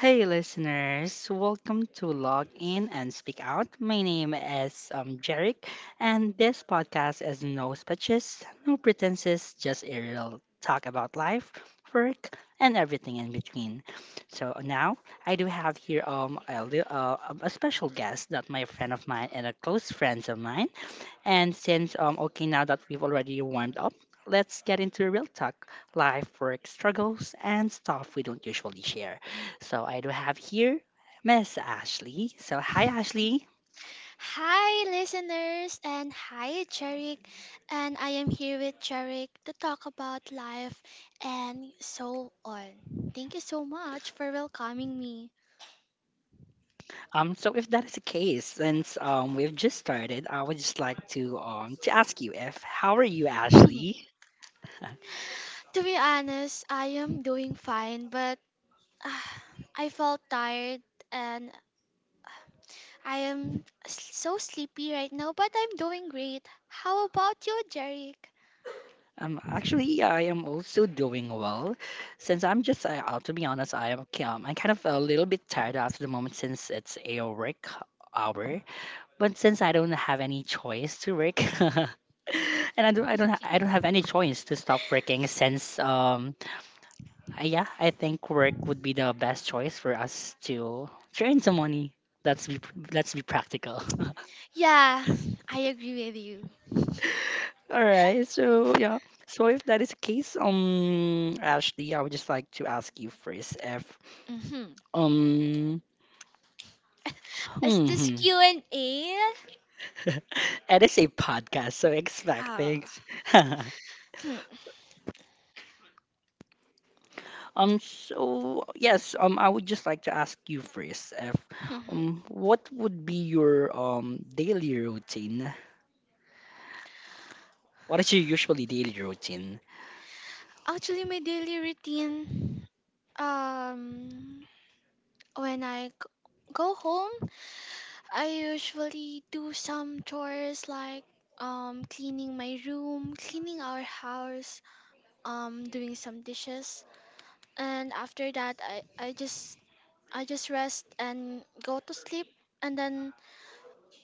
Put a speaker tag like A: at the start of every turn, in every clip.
A: Hey listeners, welcome to Log In and Speak Out. My name is Jeric, and this podcast is no speeches, no pretenses, just a real talk about life, work, and everything in between. So now I do have here a special guest that my friend of mine and a close friend of mine. And okay, now that we've already warmed up, let's get into real talk, life, work, struggles, and stuff we don't usually share. So I do have here Miss Ashley. So, hi, Ashley.
B: Hi, listeners, and hi, Cherik. And I am here with Cherik to talk about life and so on. Thank you so much for welcoming me.
A: So if that is the case, since we've just started, I would just like to ask you if how are you,
B: To
A: Ashley?
B: be honest, I am doing fine, but ah, I felt tired and I am so sleepy right now, but I'm doing great. How about you, Cherik?
A: Actually, I am also doing well. Since I'm just, I, To be honest, I am I'm kind of a little bit tired after the moment since it's a work hour. But since I don't have any choice to work, and I don't have any choice to stop working since, yeah, I think work would be the best choice for us to earn some money. Let's be, let's be practical.
B: Yeah, I agree with you.
A: All right, so yeah, so if that is the case, Ashley, I would just like to ask you first if,
B: Hmm.
A: um,
B: Is
A: hmm,
B: this
A: hmm.
B: Q&A?
A: It is a podcast, so expect
B: Ah.
A: things. So yes, I would just like to ask you first, F,
B: Mhm.
A: um, what would be your daily routine? What is your usually daily routine?
B: Actually, my daily routine, um, when go home, I usually do some chores like cleaning my room, cleaning our house, doing some dishes, and after that, I just rest and go to sleep, and then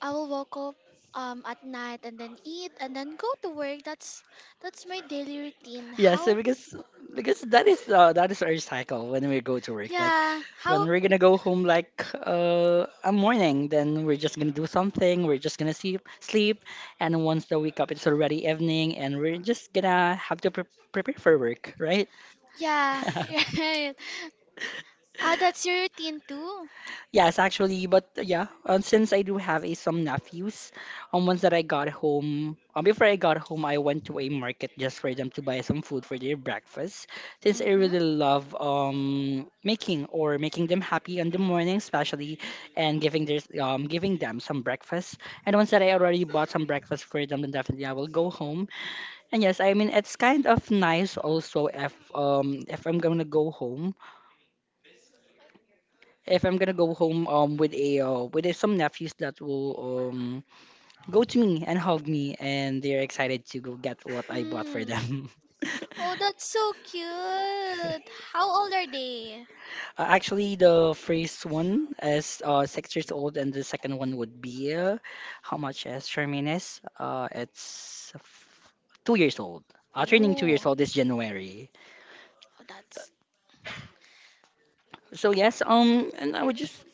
B: I will wake up at night and then eat and then go to work. That's my daily routine.
A: Yeah, so
B: How
A: because that is our cycle when we go to work. Like
B: yeah,
A: when
B: how?
A: we're gonna go home, like a morning, then we're just gonna do something. We're just gonna sleep, and once the wake up, it's already evening, and we're just gonna have to prepare for work, right?
B: Yeah, right. Ah, that's your routine too.
A: Yes, actually, but yeah, since I do have a, some nephews, once that I got home, before I got home, I went to a market just for them to buy some food for their breakfast. Since I
B: Mm-hmm.
A: really love making them happy in the morning, especially, and giving them some breakfast. And once that I already bought some breakfast for them, then definitely I will go home. And yes, I mean it's kind of nice also if I'm gonna go home if I'm gonna go home with some nephews that will um go to me and hug me and they're excited to go get what I bought for
B: Hmm.
A: them.
B: Oh, that's so cute. How old are they?
A: Actually, the first one is 6 years old, and the second one would be how much is Charmaine is? It's f- 2 years old. Turning 2 years
B: Ooh,
A: old this January.
B: oh, that's.
A: So yes, and I would just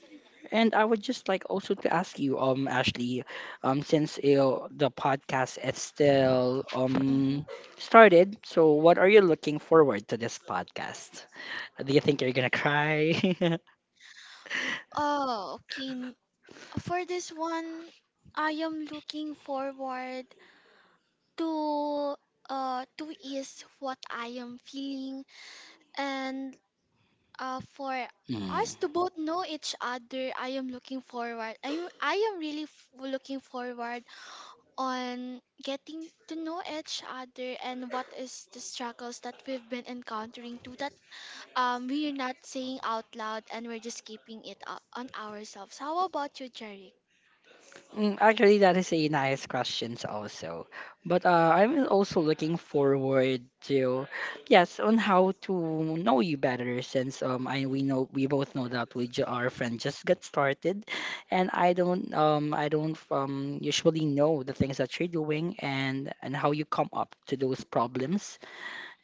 A: And I would just like also to ask you, Ashley, since the podcast is still
B: Mm-hmm.
A: started, so what are you looking forward to this podcast? Do you think you're gonna cry?
B: Oh, okay. For this one, I am looking forward to to ease what I am feeling and for
A: Mm.
B: us to both know each other. I am looking forward. I am really looking forward on getting to know each other and what is the struggles that we've been encountering to that we're not saying out loud and we're just keeping it on ourselves. How about you, Jerry?
A: Mm, Actually, that is a nice questions also. But I'm also looking to, yes, on how to know you better since I we know we both know that our friend just got started, and I don't usually know the things that you're doing and how you come up to those problems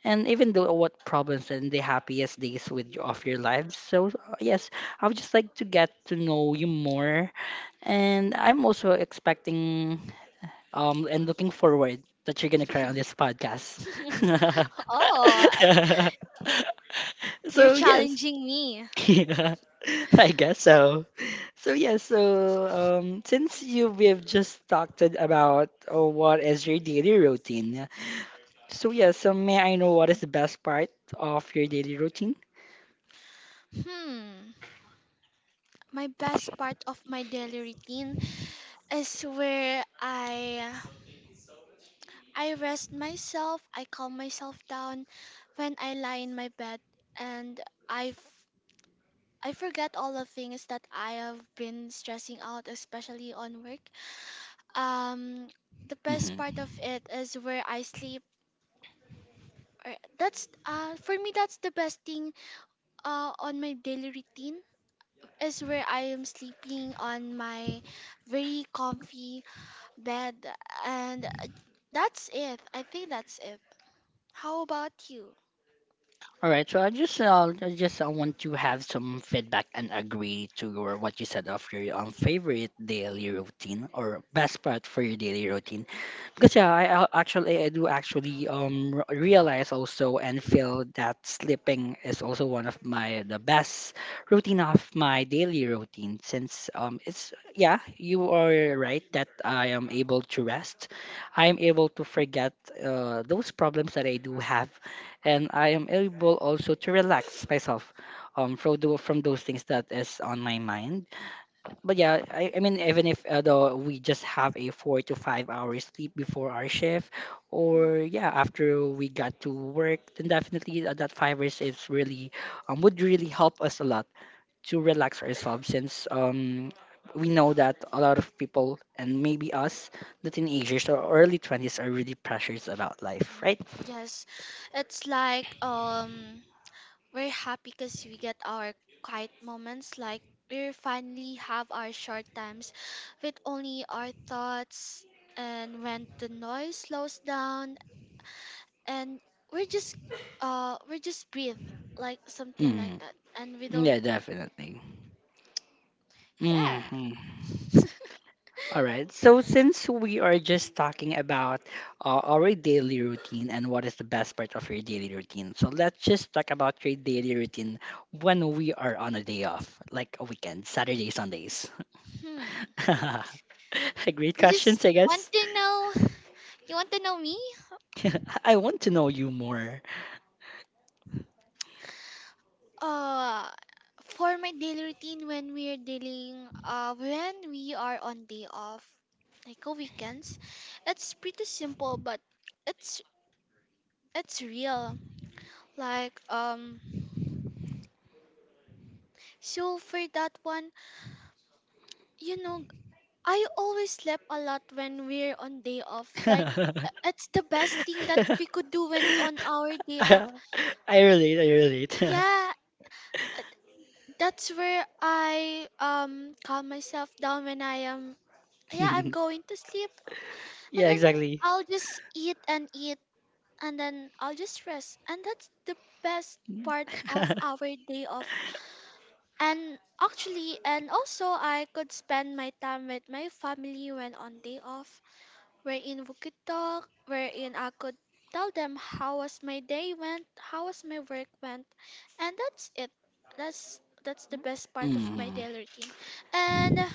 A: and even though what problems and the happiest days with of your lives so yes, I would just like to get to know you more and I'm also expecting and looking forward that you're gonna cry on this podcast.
B: Oh, I, you're
A: So yes.
B: challenging me.
A: Yeah, I guess so. So yes, so since you we've just talked about what is your daily routine, so yeah, so may I know what is the best part of your daily routine?
B: Hmm. My best part of my daily routine is where I rest myself, I calm myself down when I lie in my bed and I I forget all the things that I have been stressing out, especially on work. Um, the best part of it is where I sleep. That's for me that's the best thing on my daily routine is where I am sleeping on my very comfy bed and that's it. I think that's it. How about you?
A: All right, so I just want to have some feedback and agree to your what you said of your favorite daily routine or best part for your daily routine. Because yeah, actually I do actually realize also and feel that sleeping is also one of my the best routine of my daily routine since it's yeah you are right that I am able to rest, I am able to forget those problems that I do have, and I am able also to relax myself from from those things that is on my mind. But yeah, I mean, even if though we just have a 4 to 5 hours sleep before our shift, or
B: Mhm.
A: yeah, after we got to work, then definitely that 5 hours is really would really help us a lot to relax ourselves since we know that a lot of people and maybe us, the teenagers or early twenties, are really pressures about life, right?
B: Yes, it's like we're happy because we get our quiet moments, like we finally have our short times with only our thoughts. And when the noise slows down, and we're just, we're just breathe, like something like
A: Mm.
B: that. And we don't,
A: Yeah, definitely.
B: yeah.
A: Hmm. All right. So since we are just talking about our daily routine and what is the best part of your daily routine, so let's just talk about your daily routine when we are on a day off, like a weekend, Saturday, Sundays.
B: Hmm.
A: Great
B: You just
A: questions, I
B: want
A: guess.
B: to know. You want to know me?
A: I want to know you more.
B: Uh, for my daily routine when we're dealing, when we are on day off, like a weekends, it's pretty simple, but it's it's real. Like so for that one, you know, I always slept a lot when we're on day off. Like
A: I
B: it's the best thing that we could do when on our day off.
A: I relate.
B: Yeah, uh, that's where I calm myself down when I am. Yeah, I'm going to sleep. And
A: Yeah,
B: then
A: exactly.
B: I'll just eat and eat and then I'll just rest. And that's the best part of our day off. And actually, and also I could spend my time with my family when on day off, wherein we could talk, wherein I could tell them how was my day went, how was my work went. And that's it. That's the best part of my
A: Mm.
B: daily routine. And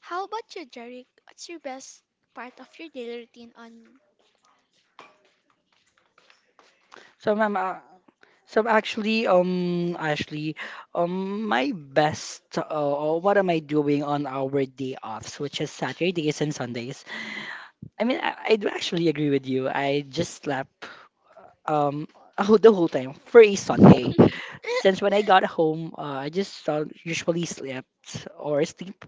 B: how about you, Jerry? What's your best part of your daily routine on
A: So, ma'am, so actually, Ashley, my best, or what am I doing on our day offs, which is Saturdays and Sundays? I mean, I do actually agree with you. I just slept, um, a the whole time for a Sunday. Since when I got home, I just usually slept or sleep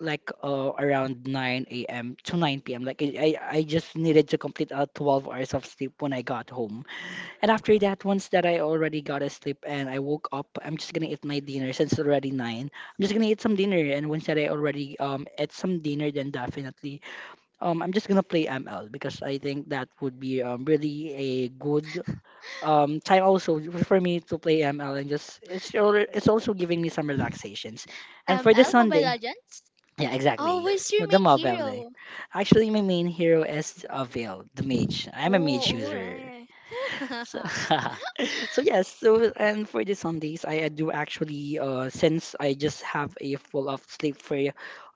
A: like around 9 a.m. to 9 p.m. Like I just needed to complete 12 hours of sleep when I got home. And after that, once that I already got asleep and I woke up, I'm just gonna eat my dinner since it's already nine. I'm just gonna eat some dinner, and once that I already ate some dinner, then definitely I'm just gonna play ML because I think that would be really a good time also for me to play ML and just it's also giving me some relaxations. And for this
B: ML? Mobile
A: Sunday,
B: Legends?
A: yeah,
B: Oh,
A: exactly,
B: who's your
A: the
B: main
A: mobile day.
B: hero?
A: Actually, my main hero is Veil, the mage. I'm a mage
B: Oh,
A: user.
B: alright.
A: So, so yes, so and for the Sundays, I do actually since I just have a full of sleep for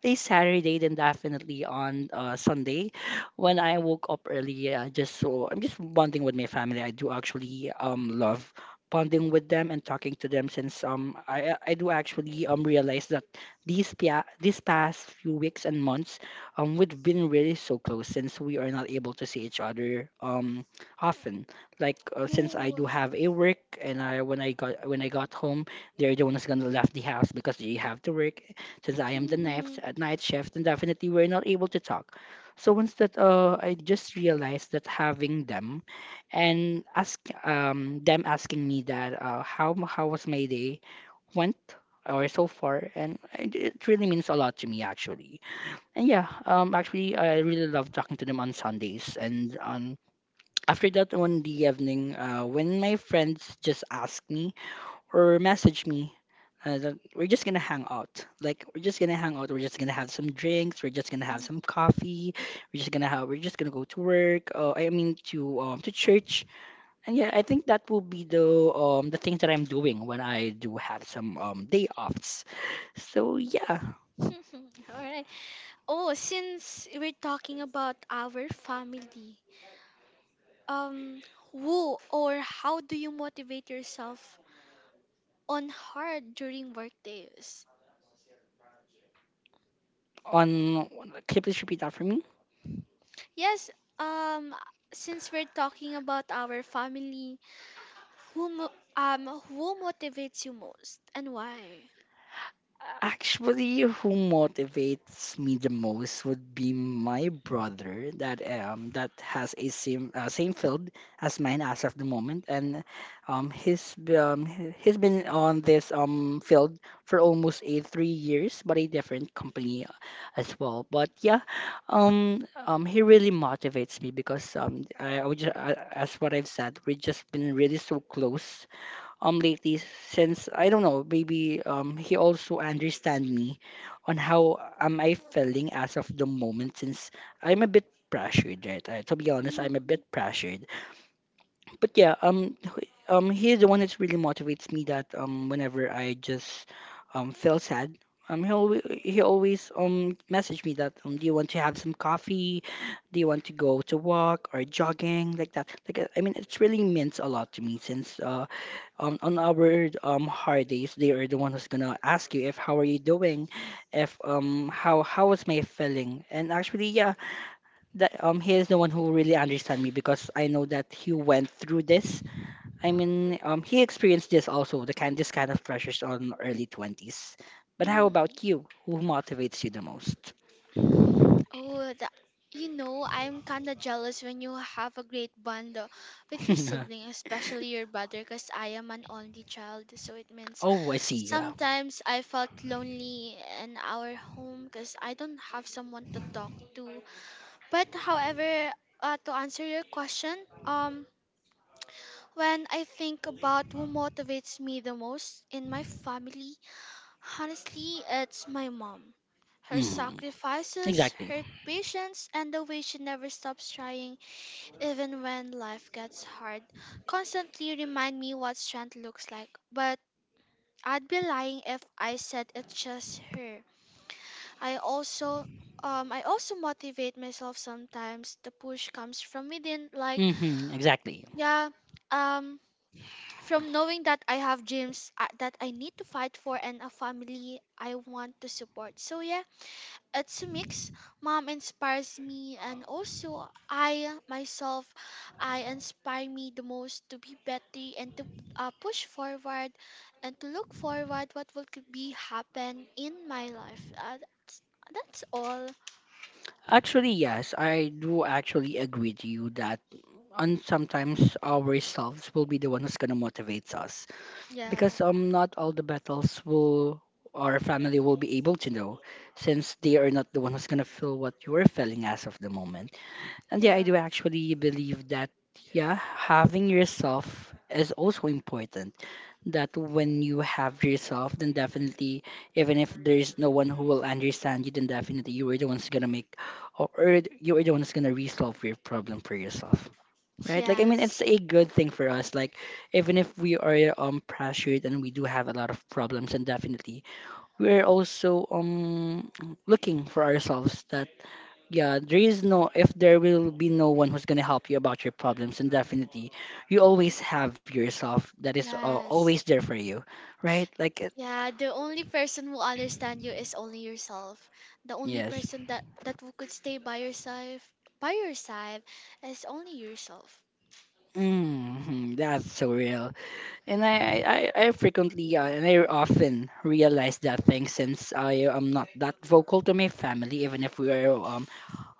A: a Saturday, then definitely on Sunday, when I woke up early, just so I'm just bonding with my family. I do actually love bonding with them and talking to them since I do actually realize that these past few weeks and months we've been really so close since we are not able to see each other often like since I
B: Cool.
A: do have a work and I when I got home, they're the one who's gonna left the house because they have to work. Since I am the night
B: Hmm.
A: at night shift, and definitely we're not able to talk. So once that I just realized that having them, and asking me that how was my day went or so far, and it really means a lot to me actually. And yeah, actually I really love talking to them on Sundays and on after that one the evening, when my friends just ask me or message me, that we're just gonna hang out. Like we're just gonna hang out. We're just gonna have some drinks. We're just gonna have
B: Hmm.
A: some coffee. We're just gonna have. We're just gonna go to work. I mean to church. And yeah, I think that will be the things that I'm doing when I do have some day offs. So yeah,
B: All right. Oh, since we're talking about our family, um, who or how do you motivate yourself on hard during work days?
A: on, can you please repeat that for me?
B: Yes, um, since we're talking about our family, who who motivates you most and why?
A: Actually, who motivates me the most would be my brother that that has a same same field as mine as of the moment, and he's been on this field for almost a 3 years, but a different company as well. But yeah, he really motivates me because I would just, as what I've said, we've just been really so close lately since I don't know. Maybe he also understand me on how am I feeling as of the moment since I'm a bit pressured, right? To be honest, I'm a bit
B: Mm-hmm.
A: pressured but yeah. He's the one that really motivates me, that whenever I just feel sad, he always, he always message me that, um, "Do you want to have some coffee? Do you want to go to walk or jogging?" Like that. Like, I mean, it's really means a lot to me since, uh, on our um hard days, they are the one who's gonna ask you if how are you doing, if how how is my feeling. And actually yeah, that he is the one who really understand me because I know that he went through this. I mean, um, he experienced this also, the kind, this kind of pressures on early twenties. But how about you? Who motivates you the most?
B: Oh, the, you know, I'm kinda jealous when you have a great bond with your sibling, especially your brother, because I am an only child. So it means
A: Oh, I see.
B: sometimes I felt lonely in our home because I don't have someone to talk to. But however, to answer your question, um, when I think about who motivates me the most in my family, honestly, it's my mom. Her
A: Mm,
B: sacrifices,
A: exactly.
B: her patience, and the way she never stops trying even when life gets hard constantly remind me what strength looks like. But I'd be lying if I said it's just her. I also I also motivate myself sometimes. The push comes from within like
A: Mm-hmm, exactly.
B: yeah, um from knowing that I have dreams that I need to fight for and a family I want to support. So yeah, it's a mix. Mom inspires me, and also I myself, I inspire me the most to be better and to push forward and to look forward what will could be happen in my life. That's all.
A: Actually, yes, I do actually agree to you that, and sometimes ourselves will be the one who's gonna motivate us
B: Yeah.
A: because not all the battles will our family will be able to know, since they are not the one who's gonna feel what you are feeling as of the moment. And yeah, I
B: Yeah.
A: do actually believe that yeah, having yourself is also important, that when you have yourself then definitely, even if there's no one who will understand you, then definitely you are the one's gonna make, or you are the one who's gonna resolve your problem for yourself, right? Like, I mean,
B: Yes.
A: it's a good thing for us, like, even if we are pressured and we do have a lot of problems, and definitely we're also looking for ourselves that, yeah, there is no, if there will be no one who's going to help you about your problems, and definitely you always have yourself that is, always
B: Yes.
A: there for you, right? Like it.
B: Yeah, the only person who understand you is only yourself. The only
A: Yes.
B: person that who could stay by yourself by your side is only yourself.
A: Hmm, that's so real. And I frequently, and I often realize that thing since I am not that vocal to my family, even if we are um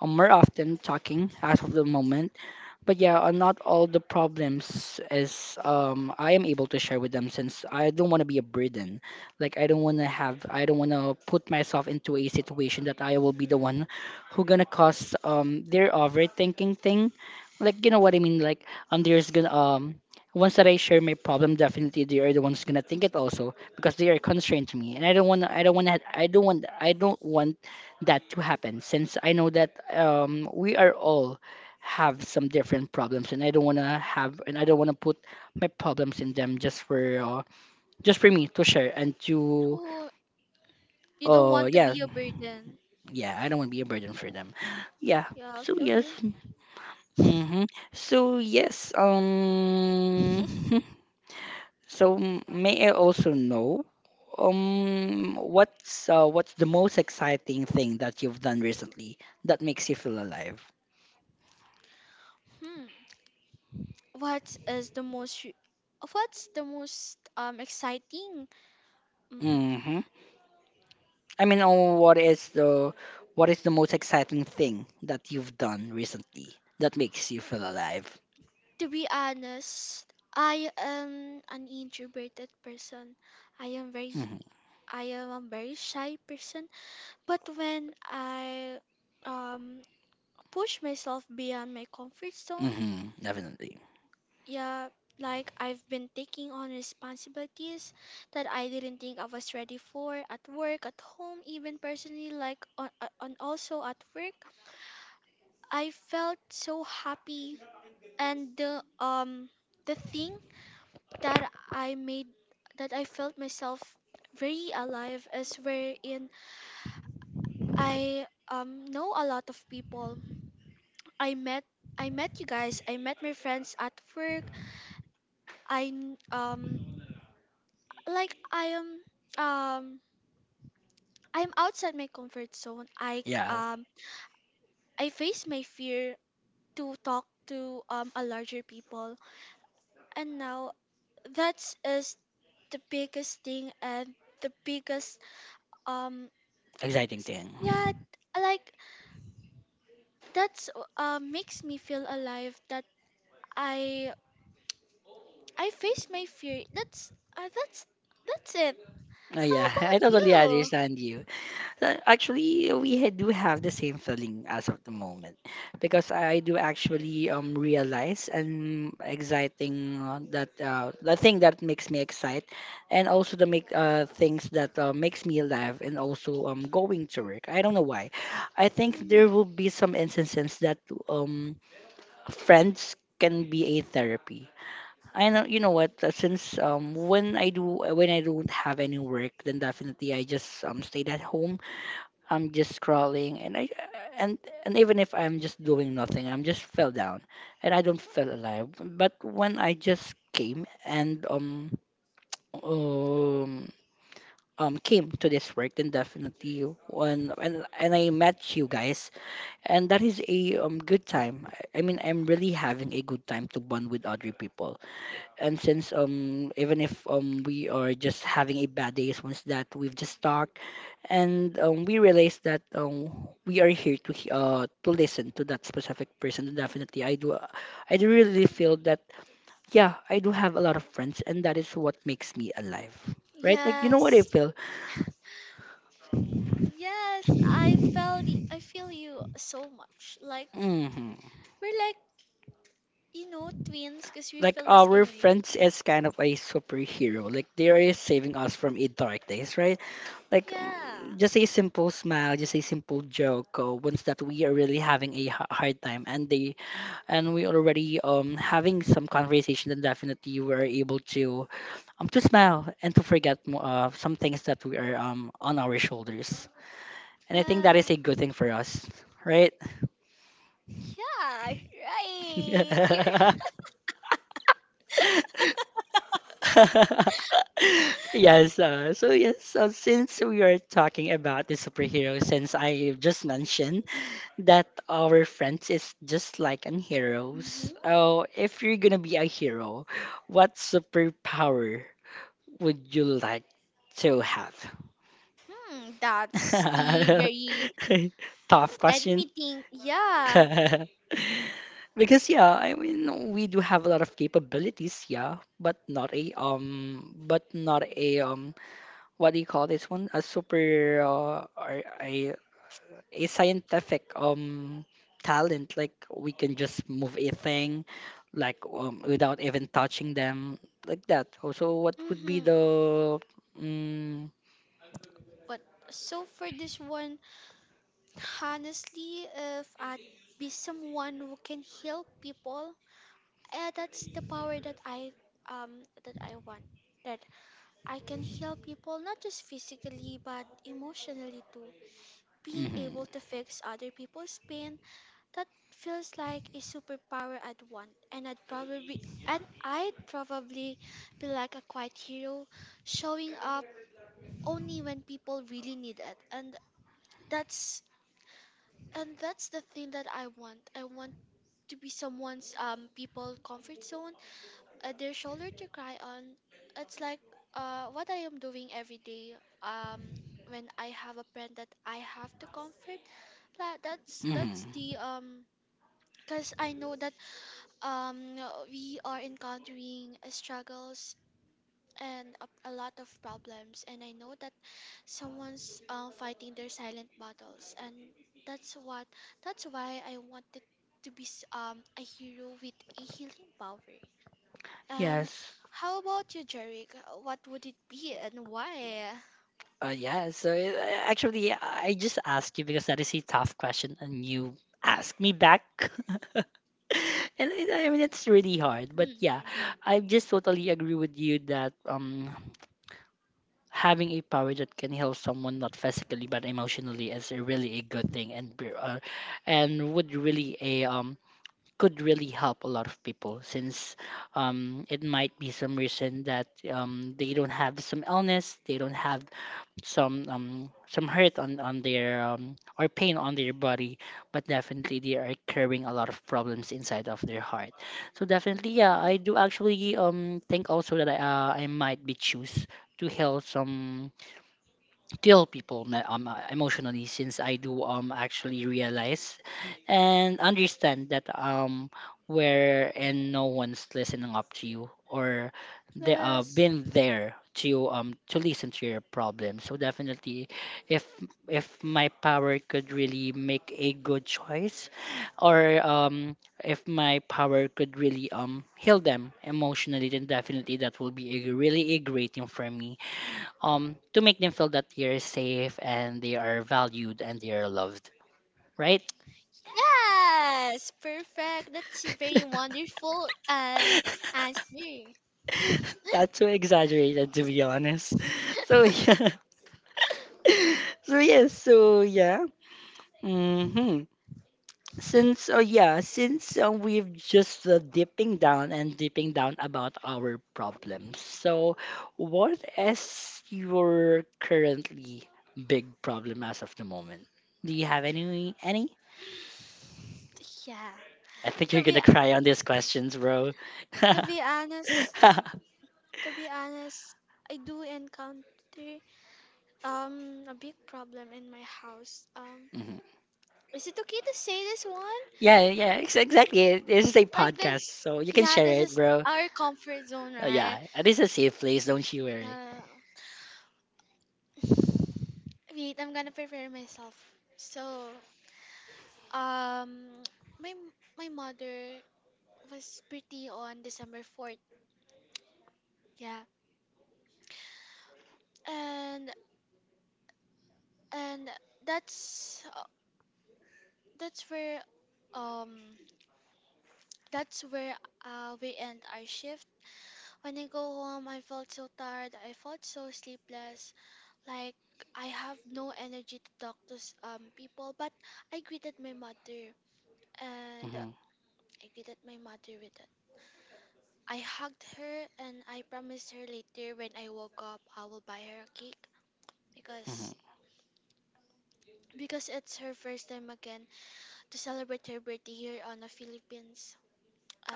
A: more often talking out of the moment. But yeah, not all the problems is I am able to share with them since I don't want to be a burden. Like, I don't want to put myself into a situation that I will be the one who gonna cause their overthinking thing. Like, you know what I mean? Like, um, there's gonna um, once that I share my problem, definitely they are the ones gonna think it also because they are constrained to me, and I don't want to I don't want that to happen, since I know that we are all have some different problems, and I don't want to put my problems in them just for, just for me to share and to.
B: You don't
A: Uh
B: want to
A: yeah.
B: be a burden.
A: Yeah, I don't want to be a burden for them. Yeah.
B: Yeah, I
A: So
B: feel
A: yes.
B: you.
A: Mm-hmm. So yes, um, so, may I also know, um, what's, what's the most exciting thing that you've done recently that makes you feel alive?
B: Hmm. What is the most what's the most exciting? Mm,
A: Mm-hmm. I mean, oh, what is the, what is the most exciting thing that you've done recently that makes you feel alive?
B: to be honest, I am an introverted person. I am very
A: Mm-hmm.
B: I am a very shy person, but when I um push myself beyond my comfort zone,
A: Mm-hmm. Definitely.
B: yeah, like I've been taking on responsibilities that I didn't think I was ready for at work, at home, even personally, like on also at work. I felt so happy, and the thing that I made that I felt myself very alive is wherein I know a lot of people. I met I met you guys. I met my friends at work. I kn- um like I am um I'm outside my comfort zone.
A: Yeah.
B: Um I face my fear to talk to a larger people, and now that's is the biggest thing and the biggest um
A: Exciting
B: s-
A: thing.
B: yeah like that's makes me feel alive that I I face my fear. That's that's it.
A: Oh
B: How
A: yeah, I
B: about
A: totally
B: you?
A: understand you. Actually, we do have the same feeling as of the moment because I do actually realize and exciting, that, the thing that makes me excite and also the make, things that, makes me alive, and also going to work. I don't know why. I think there will
B: Mhm.
A: be some instances that um friends can be a therapy. I know you know what, since when I do, when I don't have any work, then definitely I just stayed at home. I'm just scrolling, and I and and even if I'm just doing nothing, I'm just fell down and I don't feel alive. But when I just came and um came to this work, then definitely when and I met you guys, and that is a good time. I mean, I'm really having a good time to bond with other people. And since even if we are just having a bad days, once that we've just talked, and um we realize that we are here to to listen to that specific person. And definitely I do really feel that, yeah, I do have a lot of friends, and that is what makes me alive. Right, like, you know what I
B: Yes.
A: feel.
B: Yes, I felt I feel you so much. Like
A: Hmm.
B: we're like you know, twins, because we
A: Like,
B: feel the
A: our
B: same way.
A: friends is kind of a superhero, like they are saving us from a dark days, right? Like,
B: Yeah.
A: mm, just a simple smile, just a simple joke, once that we are really having a hard time, and they and we already having some conversation, then definitely we are able to smile and to forget, some things that we are on our shoulders, and I think that
B: Yeah.
A: is a good thing for us, right?
B: Yeah, right. You're
A: Yes, so yes, since we are talking about the superhero, since I just mentioned that our friends is just like an heroes.
B: hmm.
A: Oh, if you're gonna be a hero, what superpower would you like to have?
B: Hmm, that's a very
A: Tough
B: let
A: question.
B: me think. Yeah.
A: Because yeah, I mean, we do have a lot of capabilities, yeah, but not a what do you call this one? A super, or a scientific talent, like we can just move a thing, like um without even touching them, like that. Oh, so what would be
B: Mm-hmm.
A: the mm,
B: But so for this one, honestly, if I'd be someone who can help people, that's the power that I want. That I can help people not just physically but emotionally too. Being able
A: hmm.
B: to fix other people's pain that feels like a superpower I'd want and I'd probably be like a quiet hero showing up only when people really need it that's and that's the thing that I want. I want to be someone's people comfort zone their shoulder to cry on. It's like what I am doing every day um when I have a friend that I have to comfort. That that's
A: Hmm,
B: that's the because I know that um we are encountering struggles and a lot of problems and I know that someone's fighting their silent battles and that's what that's why I wanted to be a hero with a healing power. And
A: yes,
B: how about you, Jeric? What would it be and why?
A: yeah, so actually I just asked you because that is a tough question, and you asked me back. And I mean, it's really hard, but
B: Hmm.
A: yeah, I just totally agree with you that having a power that can help someone not physically but emotionally is a really a good thing, and and would really a could really help a lot of people, since it might be some reason that they don't have some illness, they don't have some hurt on their or pain on their body, but definitely they are carrying a lot of problems inside of their heart. So definitely yeah,
B: Yeah.
A: I do actually think also that I might be choose to help some tell people, emotionally, since I do actually realize and understand that where and no one's listening up to you, or they
B: Yes.
A: been there to, to listen to your problem. So definitely if if my power could really make a good choice, or if my power could really heal them emotionally, then definitely that will be a really a great thing for me to make them feel that you're safe, and they are valued, and they are loved, right?
B: Yes, perfect. That's a very wonderful answer.
A: That's so exaggerated, to be honest. So
B: Uh,
A: yeah. So yes, so yeah. Mm-hmm. Since, oh yeah, since, we've just, dipping down and dipping down about our problems, so what is your currently big problem as of the moment? Do you have any,
B: yeah.
A: I think you're
B: To be
A: gonna cry on these questions, bro.
B: to be honest, to be honest, I do encounter a big problem in my house.
A: Mhm.
B: Is it okay to say this one?
A: Yeah, yeah, exactly. This is a
B: Like
A: podcast,
B: this?
A: so you can
B: Yeah,
A: share
B: this
A: it,
B: is
A: bro.
B: our comfort zone, right?
A: Yeah, this is a safe place. Don't you worry.
B: Uh, wait, I'm gonna prepare myself. So, um, my my mother was pretty on December 4th. Yeah, and and that's uh, that's where um that's where we end our shift when I go home. I felt so tired, I felt so sleepless, like I have no energy to talk to people, but I greeted my mother and
A: Hmm.
B: I greeted my mother with it. I hugged her and I promised her later when I woke up I will buy her a cake
A: Hmm.
B: because because it's her first time again to celebrate her birthday here on the Philippines.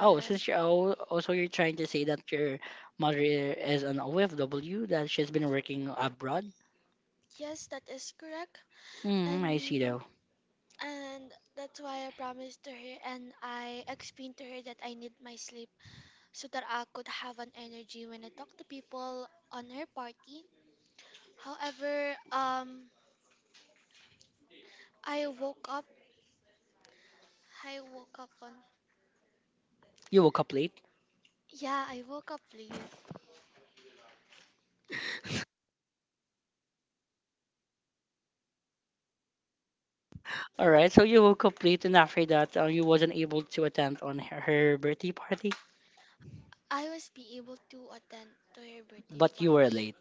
A: Oh, since you're also you're trying to say that your mother is an OFW, that she's been working abroad.
B: yes, that is correct.
A: Mm, I see
B: And
A: though.
B: and that's why I promised to her and I explained to her that I need my sleep so that I could have an energy when I talk to people on her party. However, I woke up I woke up on
A: You woke up late.
B: yeah, I woke up late.
A: All right, so you woke up late, and after that, you wasn't able to attend on her, her birthday party,
B: I was be able to attend to her birthday
A: but you were
B: party.
A: late,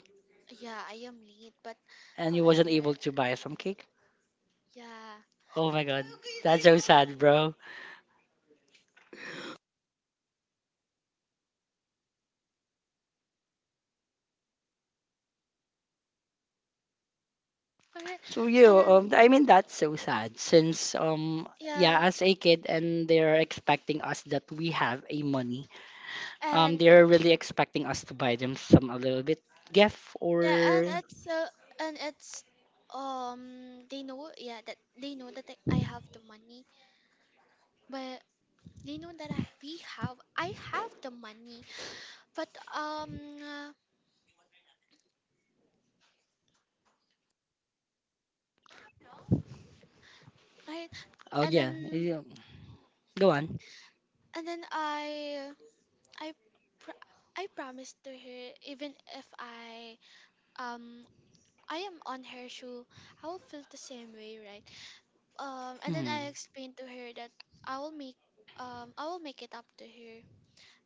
B: Yeah, I am late, but
A: and you wasn't
B: however,
A: able to buy some cake.
B: yeah.
A: Oh my god, that's so sad, bro.
B: Alright.
A: So
B: And
A: you,
B: then
A: I mean, that's so sad since, yeah,
B: yeah.
A: as a kid, and they're expecting us that we have a money.
B: And
A: They're really expecting us to buy them some a little bit gift
B: yeah,
A: or
B: and it's um they know yeah that they know that I have the money, but they know that I have the money, but right
A: oh
B: and
A: yeah,
B: then
A: yeah. Go on.
B: and then I pr- I promised to her even if I um I am on her shoe, I will feel the same way, right? And then
A: Mm,
B: I explained to her that I will make I will make it up to her.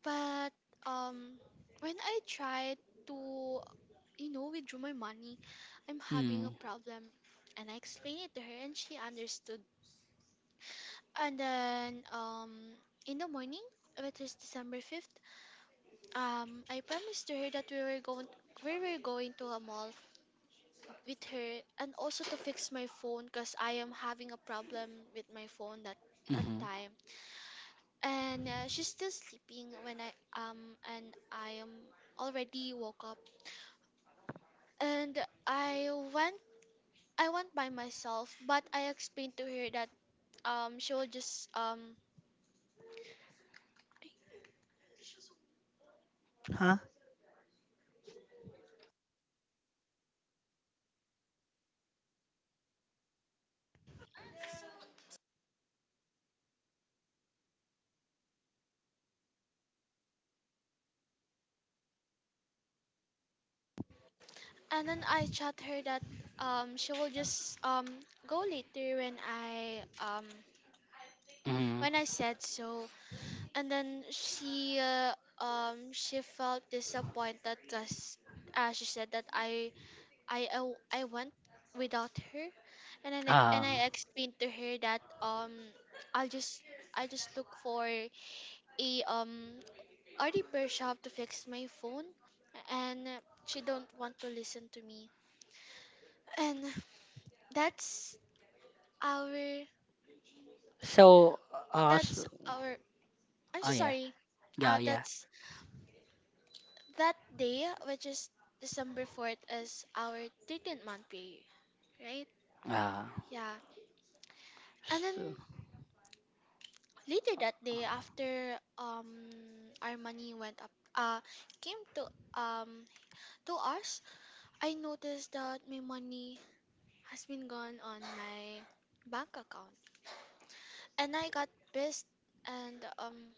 B: But um, when I tried to withdraw my money, I'm having
A: mm,
B: a problem, and I explained it to her, and she understood. And then In the morning, which is December 5th, I promised to her that we were going. We were going to a mall with her and also to fix my phone because I am having a problem with my phone that that
A: mm,
B: time. And she's still sleeping when I am already woke up, and I went I went by myself, but I explained to her that she will just
A: huh?
B: and then I chat her that she will just go later
A: Mm,
B: when I said so. And then she felt disappointed because she said that I I went without her. And then
A: ah,
B: I explained to her that I'll just I just look for a already pushed out to fix my phone, and she don't want to listen to me. And that's our
A: so s
B: that's our I'm
A: oh
B: so
A: yeah,
B: sorry.
A: yeah, yeah.
B: That's that day, which is December 4th, is our 13th month period, right?
A: Ah,
B: Yeah. And then
A: so,
B: later that day, after our money went up came um to us, I noticed that my money has been gone on my bank account. And I got pissed, and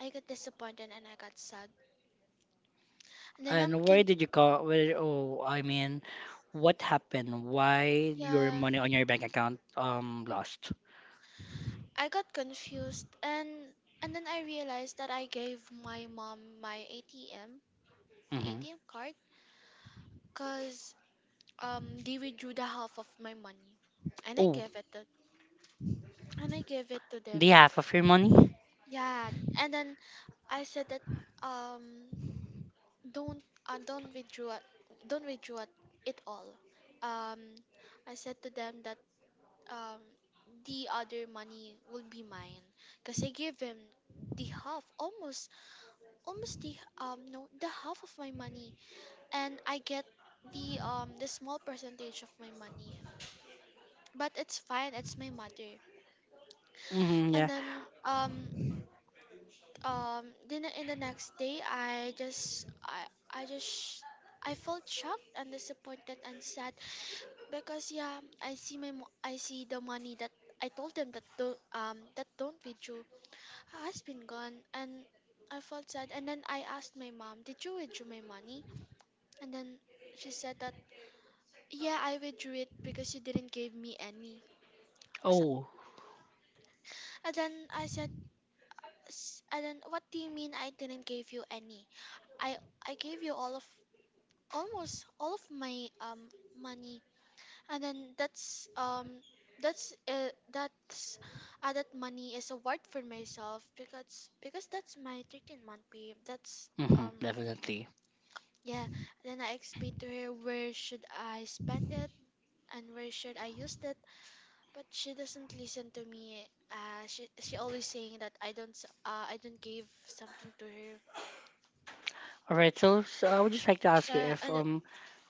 B: I got disappointed, and I got sad. And then I'm
A: and where
B: con-
A: did you call? Where, oh, I mean, what happened? Why your
B: Yeah,
A: money on your bank account lost?
B: I got confused, and then I realized that I gave my mom my ATM
A: Mm-hmm.
B: ATM card, cuz they withdrew the half of my money. And I
A: Oh,
B: gave it to and I gave it to them.
A: the half of your money?
B: Yeah, and then I said that um don't uh, don't withdraw don't withdraw it all. Um I said to them that um the other money will be mine because I gave him the half almost almost the no the half of my money, and I get the small percentage of my money, but it's fine, it's my mother.
A: Mm-hmm, yeah.
B: And then Then in the next day, I just sh- I felt shocked and disappointed and sad because I see the money that I told them that don't be due has been gone, and I felt sad. And then I asked my mom, "Did you withdraw my money?" And then she said that, "Yeah, I withdrew it because you didn't give me any." So,
A: Oh,
B: and then I said, "And then what do you mean I didn't give you any? I I gave you all of almost all of my money." And then that's that money is a word for myself, because that's my 13-month pay. That's
A: mm-hmm,
B: um
A: definitely.
B: Yeah, then I explained to her where should I spend it and where should I use it, but she doesn't listen to me. She always saying that I don't give something to her.
A: All right, so, so I would just like to ask you
B: Yeah,
A: if
B: and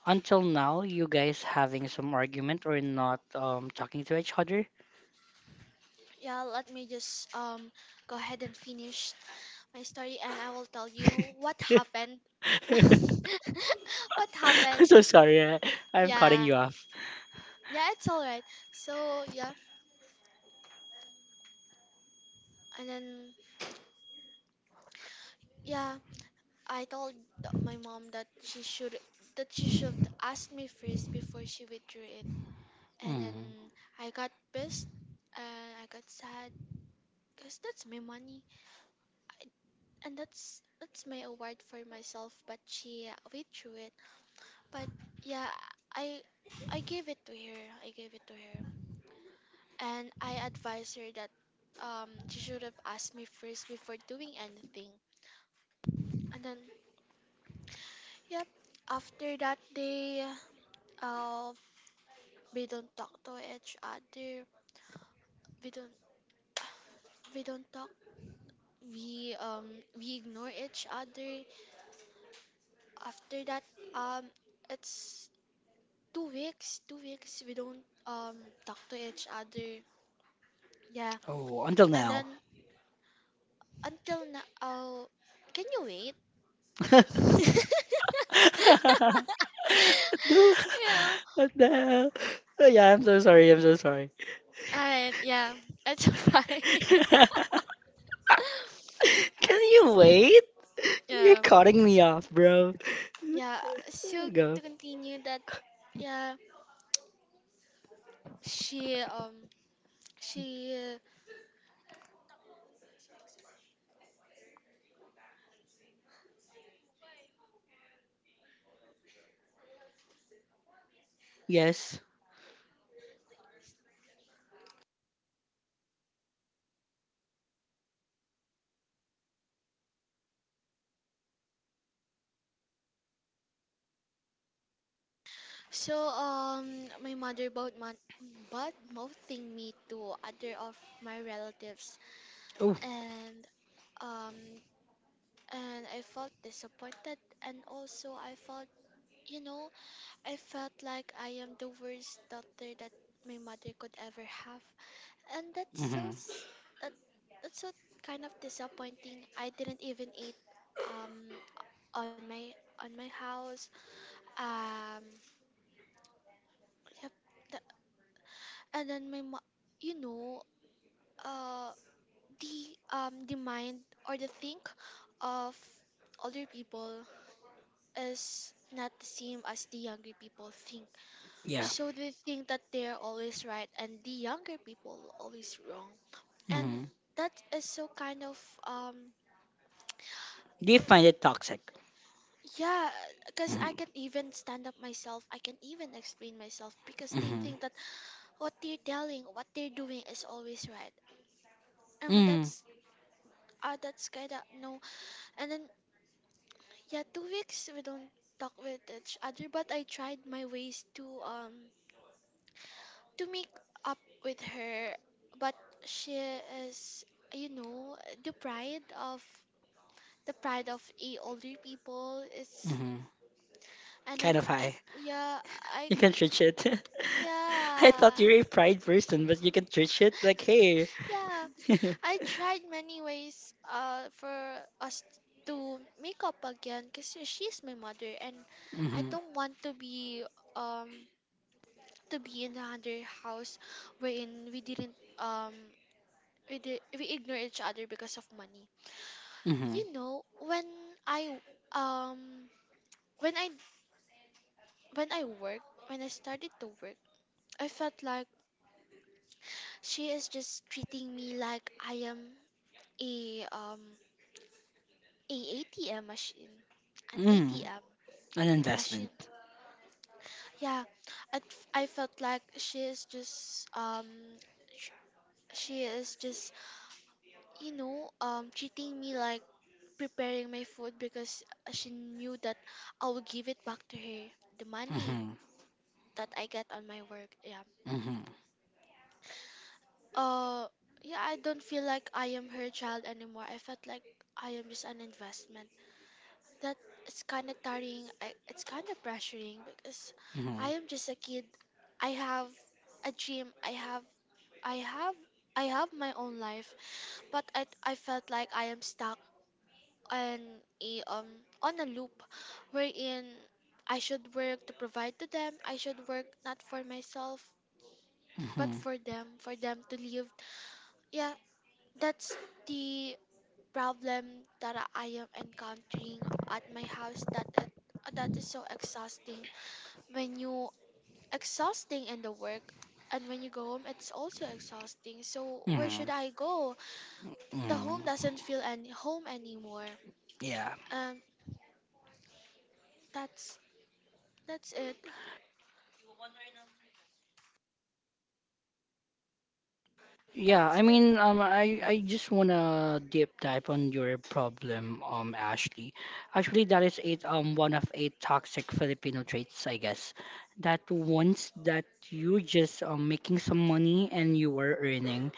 A: until now you guys having some argument or not talking to each other?
B: yeah, let me just go ahead and finish my story, and I will tell you what happened. What
A: I'm
B: happened?
A: so sorry. I, I'm cutting
B: Yeah,
A: you off.
B: yeah, it's all right. So yeah, and then yeah, I told my mom that she should ask me first before she withdrew it. And
A: Mm.
B: then I got pissed, and I got sad because that's my money. I, and that's my award for myself, but she withdrew it. But yeah, I I gave it to her. I gave it to her. And I advised her that she should have asked me first before doing anything. And then yep, after that day, uh we don't talk to each other. We don't we don't talk we um we ignore each other after that. um it's 2 weeks we don't talk to each other, yeah.
A: Oh, until
B: And
A: now.
B: then until now. Oh, can you wait?
A: No,
B: Yeah, all
A: what the hell? Oh, yeah, I'm so sorry. I'm so sorry.
B: right. Yeah, it's fine.
A: Can
B: Uh,
A: you wait? You're
B: yeah,
A: cutting me off, bro.
B: yeah. So
A: Go.
B: to continue that, yeah, she um she
A: Yes.
B: so my mother bought man bad mouthing me to other of my relatives.
A: Oh.
B: And um I felt disappointed, and also I felt, you know, I felt like I am the worst daughter that my mother could ever have. And
A: Mm-hmm.
B: that, that's so kind of disappointing. I didn't even eat um on my house. um yep. and then my mo- You know, uh the mind or the think of older people is not the same as the younger people think.
A: Yeah.
B: So they think that they're always right and the younger people always wrong. And
A: Mm-hmm.
B: that is so kind of um
A: Do you find it toxic?
B: yeah, because I
A: Mm-hmm.
B: can even stand up myself, I can even explain myself, because they
A: Mm-hmm.
B: think that what they're doing is always right.
A: Mm-hmm.
B: That's that's kind of no. And then yeah, 2 weeks we don't talk with each other, but I tried my ways to make up with her, but she is, you know, the pride of the pride of a older people is.
A: Mm-hmm.
B: And then
A: Kind of high.
B: I
A: You can church it. I thought
B: yeah
A: you're a pride person, but you can church it like hey.
B: yeah.
A: Mm-hmm.
B: I tried many ways for us to make up again, because she's my mother, and I don't want um to be in another house wherein we didn't we ignore each other because of money.
A: Mm-hmm.
B: You know, when I um when I when I work, when I started to work, I felt like she is just treating me like I am a um a ATM machine, an
A: Mm.
B: ATM
A: An
B: a
A: investment.
B: machine. Yeah, I felt like sh- she is just, you know, treating me like preparing my food because she knew that I will give it back to her. The money
A: Mhm.
B: that I get on my work. Yeah.
A: Mhm.
B: Uh yeah, I don't feel like I am her child anymore. I felt like I am just an investment. That it's kind of tiring. It's kind of pressuring, because
A: Mhm.
B: I am just a kid. I have a dream. I have I have my own life, but I felt like I am stuck on a um on a loop wherein I should work to provide to them. I should work not for myself, but
A: Mhm.
B: for them to live. Yeah, that's the problem that I am encountering at my house. That is so exhausting. When you exhausting in the work, and when you go home, it's also exhausting. So where should
A: Mhm.
B: I go? The home
A: Mhm.
B: doesn't feel any home anymore.
A: Yeah.
B: Um that's that's it.
A: Yeah,
B: That's
A: I
B: it.
A: mean, I just wanna deep dive on your problem, Ashley. Actually, that is eight, one of eight toxic Filipino traits, I guess. That once that you just making some money and you are earning,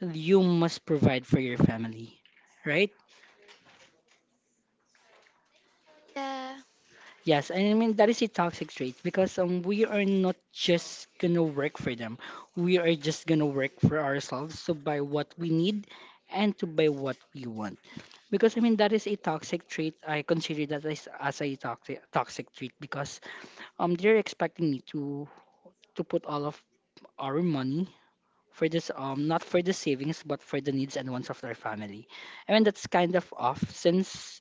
A: you must provide for your family, right?
B: Yeah.
A: Yes, and I mean that is a toxic trait because we are not just gonna work for them. We are just gonna work for ourselves to buy what we need and to buy what we want. Because I mean that is a toxic trait. I consider that as a toxic trait because they're expecting me to put all of our money for this, not for the savings but for the needs and wants of their family. I mean that's kind of off since,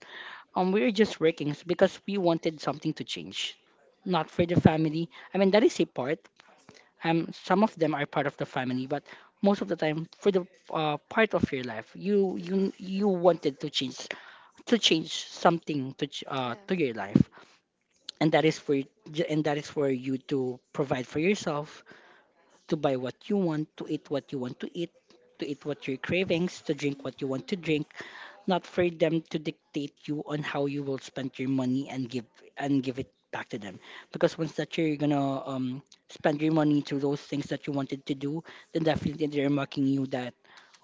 A: we were just working because we wanted something to change, not for the family. I mean, that is a part. Some of them are part of the family, but most of the time, for the part of your life, you wanted to change something to
B: Yeah.
A: to your life, and that is for and that is for you to provide for yourself, to buy what you want, to eat what you want to eat what your cravings, to drink what you want to
B: Hmm.
A: drink, not for them to dictate you on how you will spend your money and give it back to them because once that you're gonna spend your money to those things that you wanted to do, then definitely they're mocking you that,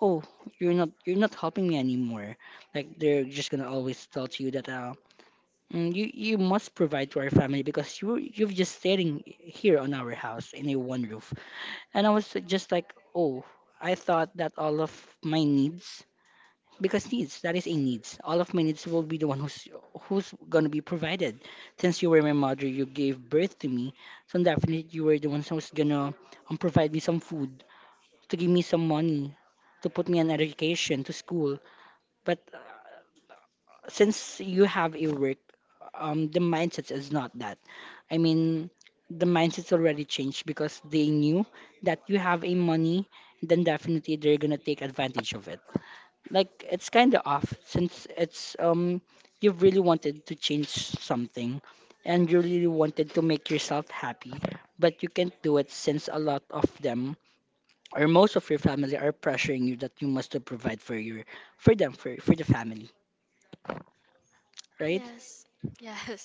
A: oh, you're not helping me anymore, like they're just gonna always tell to you that, "Mm, you must provide to our family because you've just staying here on our house in a one roof, and I was just like, oh, I thought that all of my needs, because needs that is a needs, all of my needs will be the one who's who's gonna be provided since you were my mother, you gave birth to me, so definitely you were the one who's gonna, provide me some food, to give me some money, to put me an education to school, but since you have a work, the mindset is not that, I mean, the mindset's already changed because they knew that you have a money, then definitely they're gonna take advantage of it, like it's kind of off since it's, you really wanted to change something and you really wanted to make yourself happy, but you can't do it since a lot of them or most of your family are pressuring you that you must to provide for your, for them, for the family, right?
B: Yes. Yes.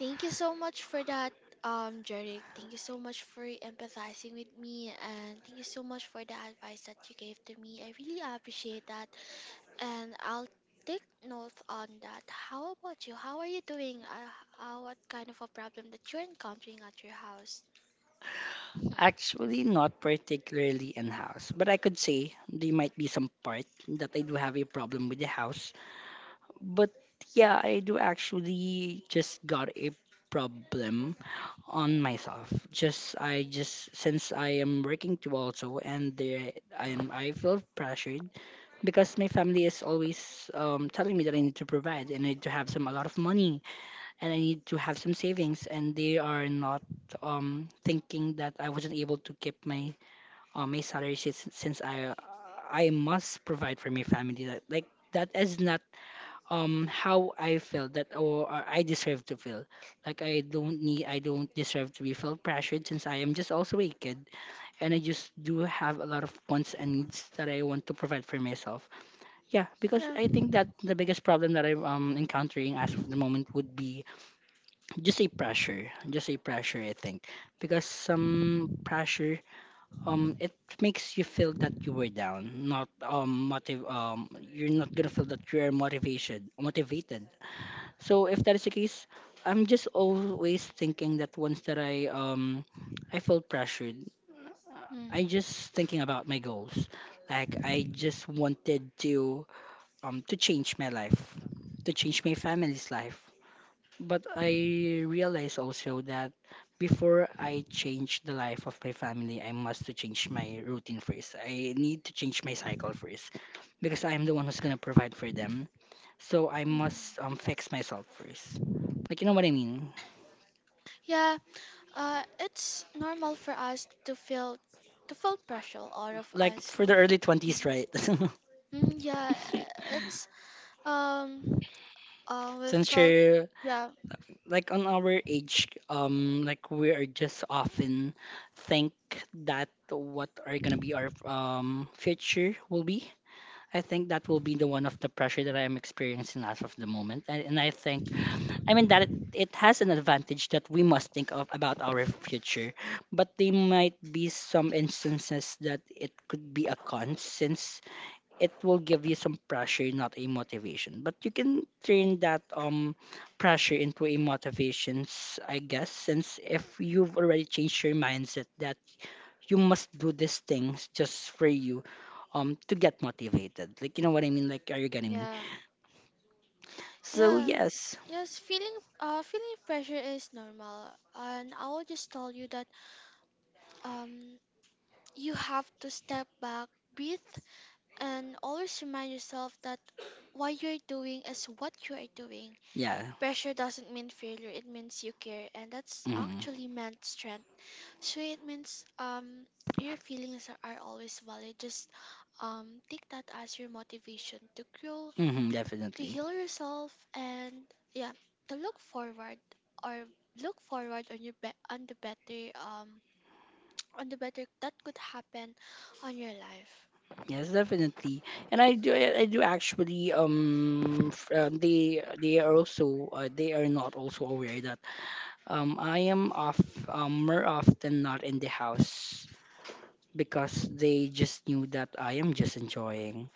B: Thank you so much for that, Jeric. Thank you so much for empathizing with me, and thank you so much for the advice that you gave to me. I really appreciate that, and I'll take note on that. How about you? How are you doing? What kind of a problem that you're encountering at your house?
A: Actually not particularly in house, but I could say there might be some part that I do have a problem with the house, but yeah, I do actually just got a problem on myself. Just I just since I am working too also, and there I feel pressured because my family is always, telling me that I need to provide and I need to have some a lot of money and I need to have some savings, and they are not thinking that I wasn't able to keep my my salary since I must provide for my family. That like that is not how I feel that, or I deserve to feel. Like I don't need I don't deserve to be felt pressured since I am just also a kid, and I just do have a lot of wants and needs that I want to provide for myself. Yeah, because
B: Yeah.
A: I think that the biggest problem that I'm, encountering as of the moment would be just a pressure. Just a pressure I think. Because some pressure it makes you feel that you were down, not motive you're not gonna feel that you're motivation motivated, so if that is the case, I'm just always thinking that once that I felt pressured, I
B: Mm-hmm.
A: just thinking about my goals. Like I just wanted to, to change my life, to change my family's life. But I realized also that before I change the life of my family, I must to change my routine first. I need to change my cycle first because I am the one who's gonna provide for them, so I
B: Mm-hmm.
A: must fix myself first. Like you know what I mean?
B: Yeah, it's normal for us to feel pressure, all of
A: Like
B: us.
A: for the
B: Well,
A: early 20s, right?
B: mm, yeah, it's um we
A: Since
B: felt
A: you're
B: yeah.
A: like on our age, like we are just often think that what are gonna be our future will be. I think that will be the one of the pressure that I am experiencing as of the moment, and I think I mean that it has an advantage that we must think of about our future, but there might be some instances that it could be a con since it will give you some pressure, not a motivation. But you can turn that pressure into a motivations, I guess, since if you've already changed your mindset that you must do these things just for you, to get motivated. Like you know what I mean? Like are you getting me?
B: Yeah.
A: So
B: Yeah,
A: yes,
B: yes, feeling pressure is normal, and I will just tell you that um you have to step back, breathe, and always remind yourself that what you're doing is what you are doing.
A: yeah,
B: Pressure doesn't mean failure; it means you care, and that's
A: mm-hmm.
B: actually meant strength. So it means, your feelings are always valid. Just take that as your motivation to grow,
A: Mm-hmm,
B: to
A: definitely.
B: heal yourself, and yeah, to look forward or look forward on your be- on the better on the better that could happen on your life.
A: Yes, definitely. And I do actually they are also they are not also aware that I am off more often not in the house because they just knew that I am just enjoying.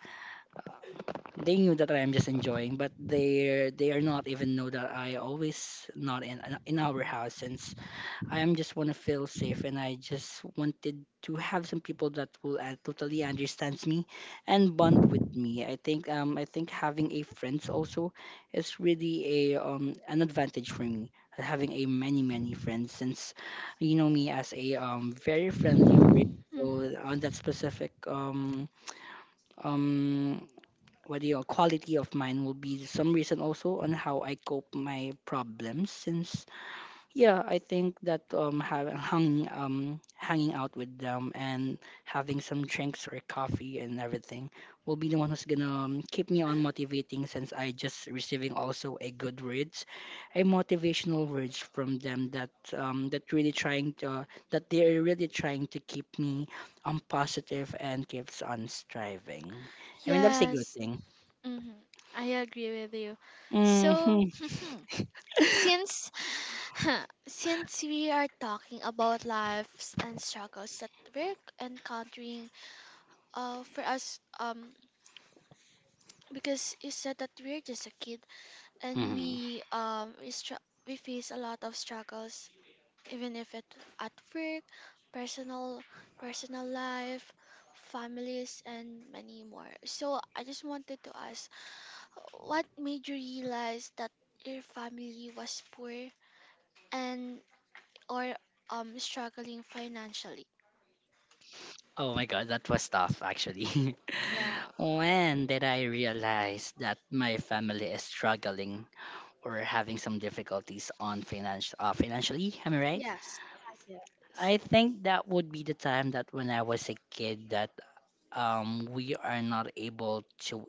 A: They knew that I am just enjoying, but they are not even know that I always not in in our house since I am just want to feel safe and I just wanted to have some people that will, totally understands me and bond with me. I think having a friends also is really a an advantage for me, having a many many friends since you know me as a very friendly person,
B: Mm.
A: so on that specific um what do you quality of mine will be some reason also on how I cope my problems since, yeah, I think that hanging out with them and having some drinks or coffee and everything will be the one who's gonna, keep me on motivating since I just receiving also a good words, a motivational words from them that that really trying to, that they are really trying to keep me positive and keeps on striving. I mean that's a good
B: Yes.
A: thing.
B: Hmm. I agree with you. So,
A: Hmm.
B: since since we are talking about lives and struggles that we're encountering for us because you said that we're just a kid, and we face a lot of struggles, even if it at work, personal personal life, families, and many more. So I just wanted to ask, what made you realize that your family was poor and, or struggling financially?
A: Oh my god, that was tough actually.
B: Yeah.
A: When did I realize that my family is struggling or having some difficulties on finance, financially? Am I right?
B: Yes. Yeah, yes.
A: I think that would be the time that when I was a kid that we are not able to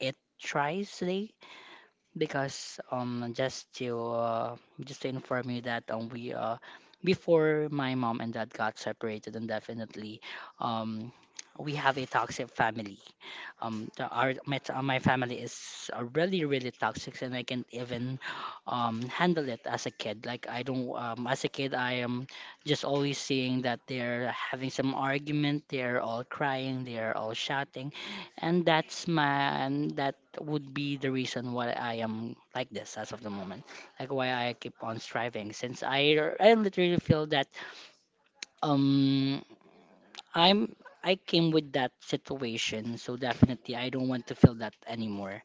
A: eat thrice a day because just to inform you that we before my mom and dad got separated, and definitely um we have a toxic family, my family is, really really toxic, and I can't even handle it as a kid, like I don't as a kid I am just always seeing that they're having some argument, they're all crying, they're all shouting, and that's my and that would be the reason why I am like this as of the moment, like why I keep on striving. Since I literally feel that um I'm I came with that situation, so definitely I don't want to feel that anymore.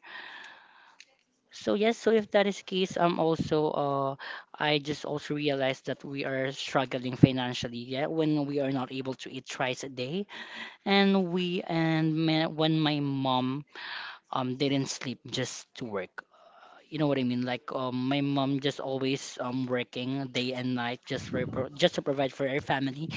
A: So yes, so if that is the case, also I just also realized that we are struggling financially, yeah, when we are not able to eat thrice a day, and we and ma when my mom didn't sleep just to work, you know what I mean? Like, my mom just always working day and night just for just to provide for her family.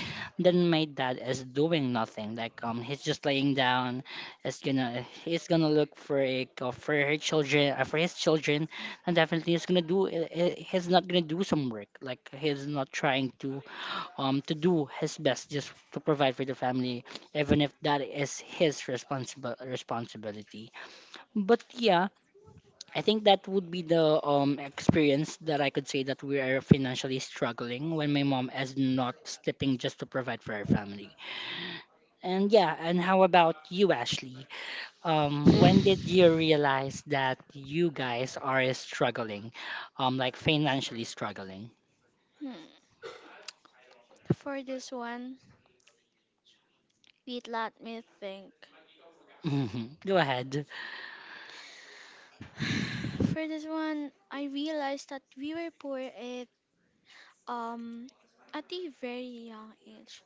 A: Then my dad is doing nothing. Like, he's just laying down. Is gonna he's gonna look for a for her children, for his children, and definitely he's gonna do, he's not gonna do some work. Like he's not trying to, to do his best just to provide for the family, even if that is his responsible responsibility. But yeah, I think that would be the experience that I could say that we are financially struggling when my mom is not sleeping just to provide for her family. And yeah, and how about you, Ashley? When did you realize that you guys are struggling, like financially struggling?
B: Hmm. For this one, wait, let me think.
A: Hmm. Go ahead.
B: For this one, I realized that we were poor um at a very young age.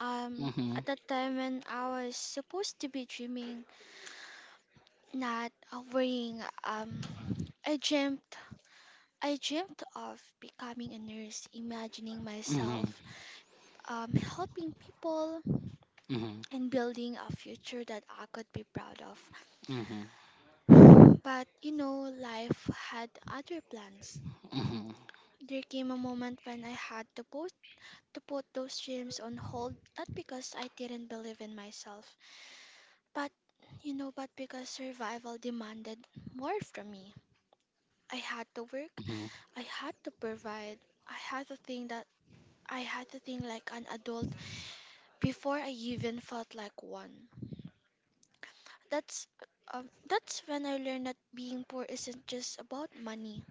B: Um
A: Mm-hmm.
B: at that time when I was supposed to be dreaming, not worrying, I dreamt I dreamt of becoming a nurse, imagining
A: Mm-hmm.
B: myself helping people
A: Mm-hmm.
B: and building a future that I could be proud of.
A: Mm-hmm.
B: But you know, life had other plans.
A: Mm-hmm.
B: There came a moment when I had to put those dreams on hold, not because I didn't believe in myself, but, you know, but because survival demanded more from me. I had to work,
A: Mm-hmm.
B: I had to provide, I had to think that I had to think like an adult before I even felt like one. That's that's when I learned that being poor isn't just about money.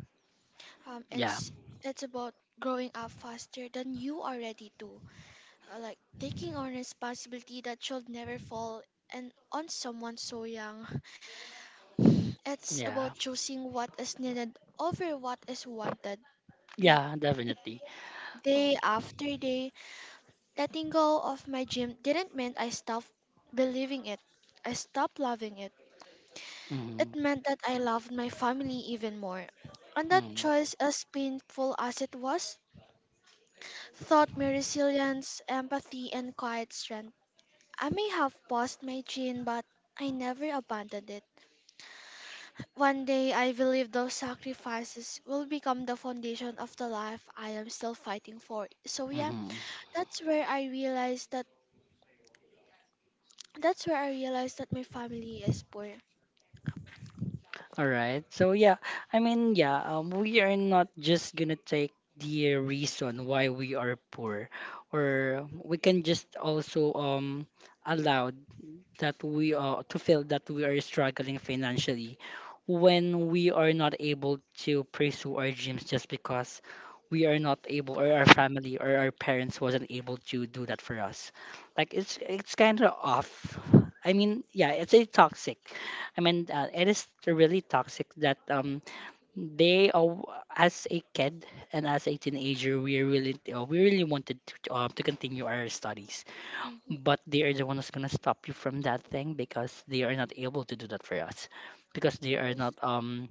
B: Um,
A: Yeah.
B: it's it's about growing up faster than you are ready to. Like taking on responsibility that should never fall and on someone so young. It's about
A: Yeah.
B: choosing what is needed over what is wanted. Like
A: Yeah. Definitely.
B: day after day, letting go of my gym didn't mean I stopped believing it. I stopped loving it.
A: Mm-hmm.
B: It meant that I loved my family even more. And that
A: Mm-hmm.
B: choice, as painful as it was, taught me resilience, empathy, and quiet strength. I may have lost my gene, but I never abandoned it. One day, I believe those sacrifices will become the foundation of the life I am still fighting for. So yeah,
A: Mm-hmm.
B: that's where I realized that that's where I realized that my family is poor.
A: All right. So yeah, we are not just gonna take the reason why we are poor, or we can just also allow that we are to feel that we are struggling financially when we are not able to pursue our dreams just because we are not able or our family or our parents wasn't able to do that for us, like it's kind of off. It's a toxic, it is really toxic that they as a kid and as a teenager we really wanted to continue our studies,
B: Hmm.
A: but they are the one who's gonna stop you from that thing because they are not able to do that for us, because they are not
B: Yes.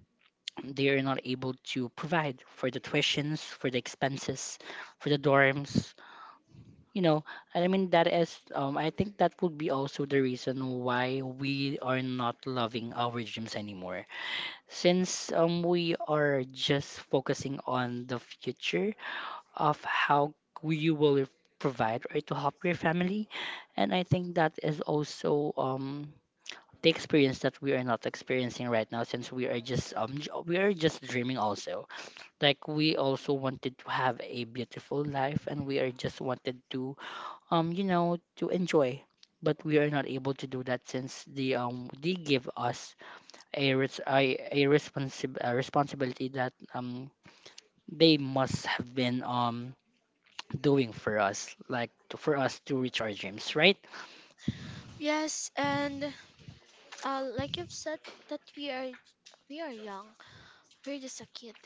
A: they are not able to provide for the tuitions, for the expenses, for the dorms, you know. And I mean that is I think that would be also the reason why we are not loving our gyms anymore, since we are just focusing on the future of how you will provide or to help your family. And I think that is also the experience that we are not experiencing right now, since we are just we are just dreaming also. Like we also wanted to have a beautiful life and we are just wanted to you know, to enjoy. But we are not able to do that since the they give us a res- a, responsi- a responsibility that they must have been doing for us, like to, for us to reach our dreams, right?
B: Yes, and like you've said that we are young. We're just a kid.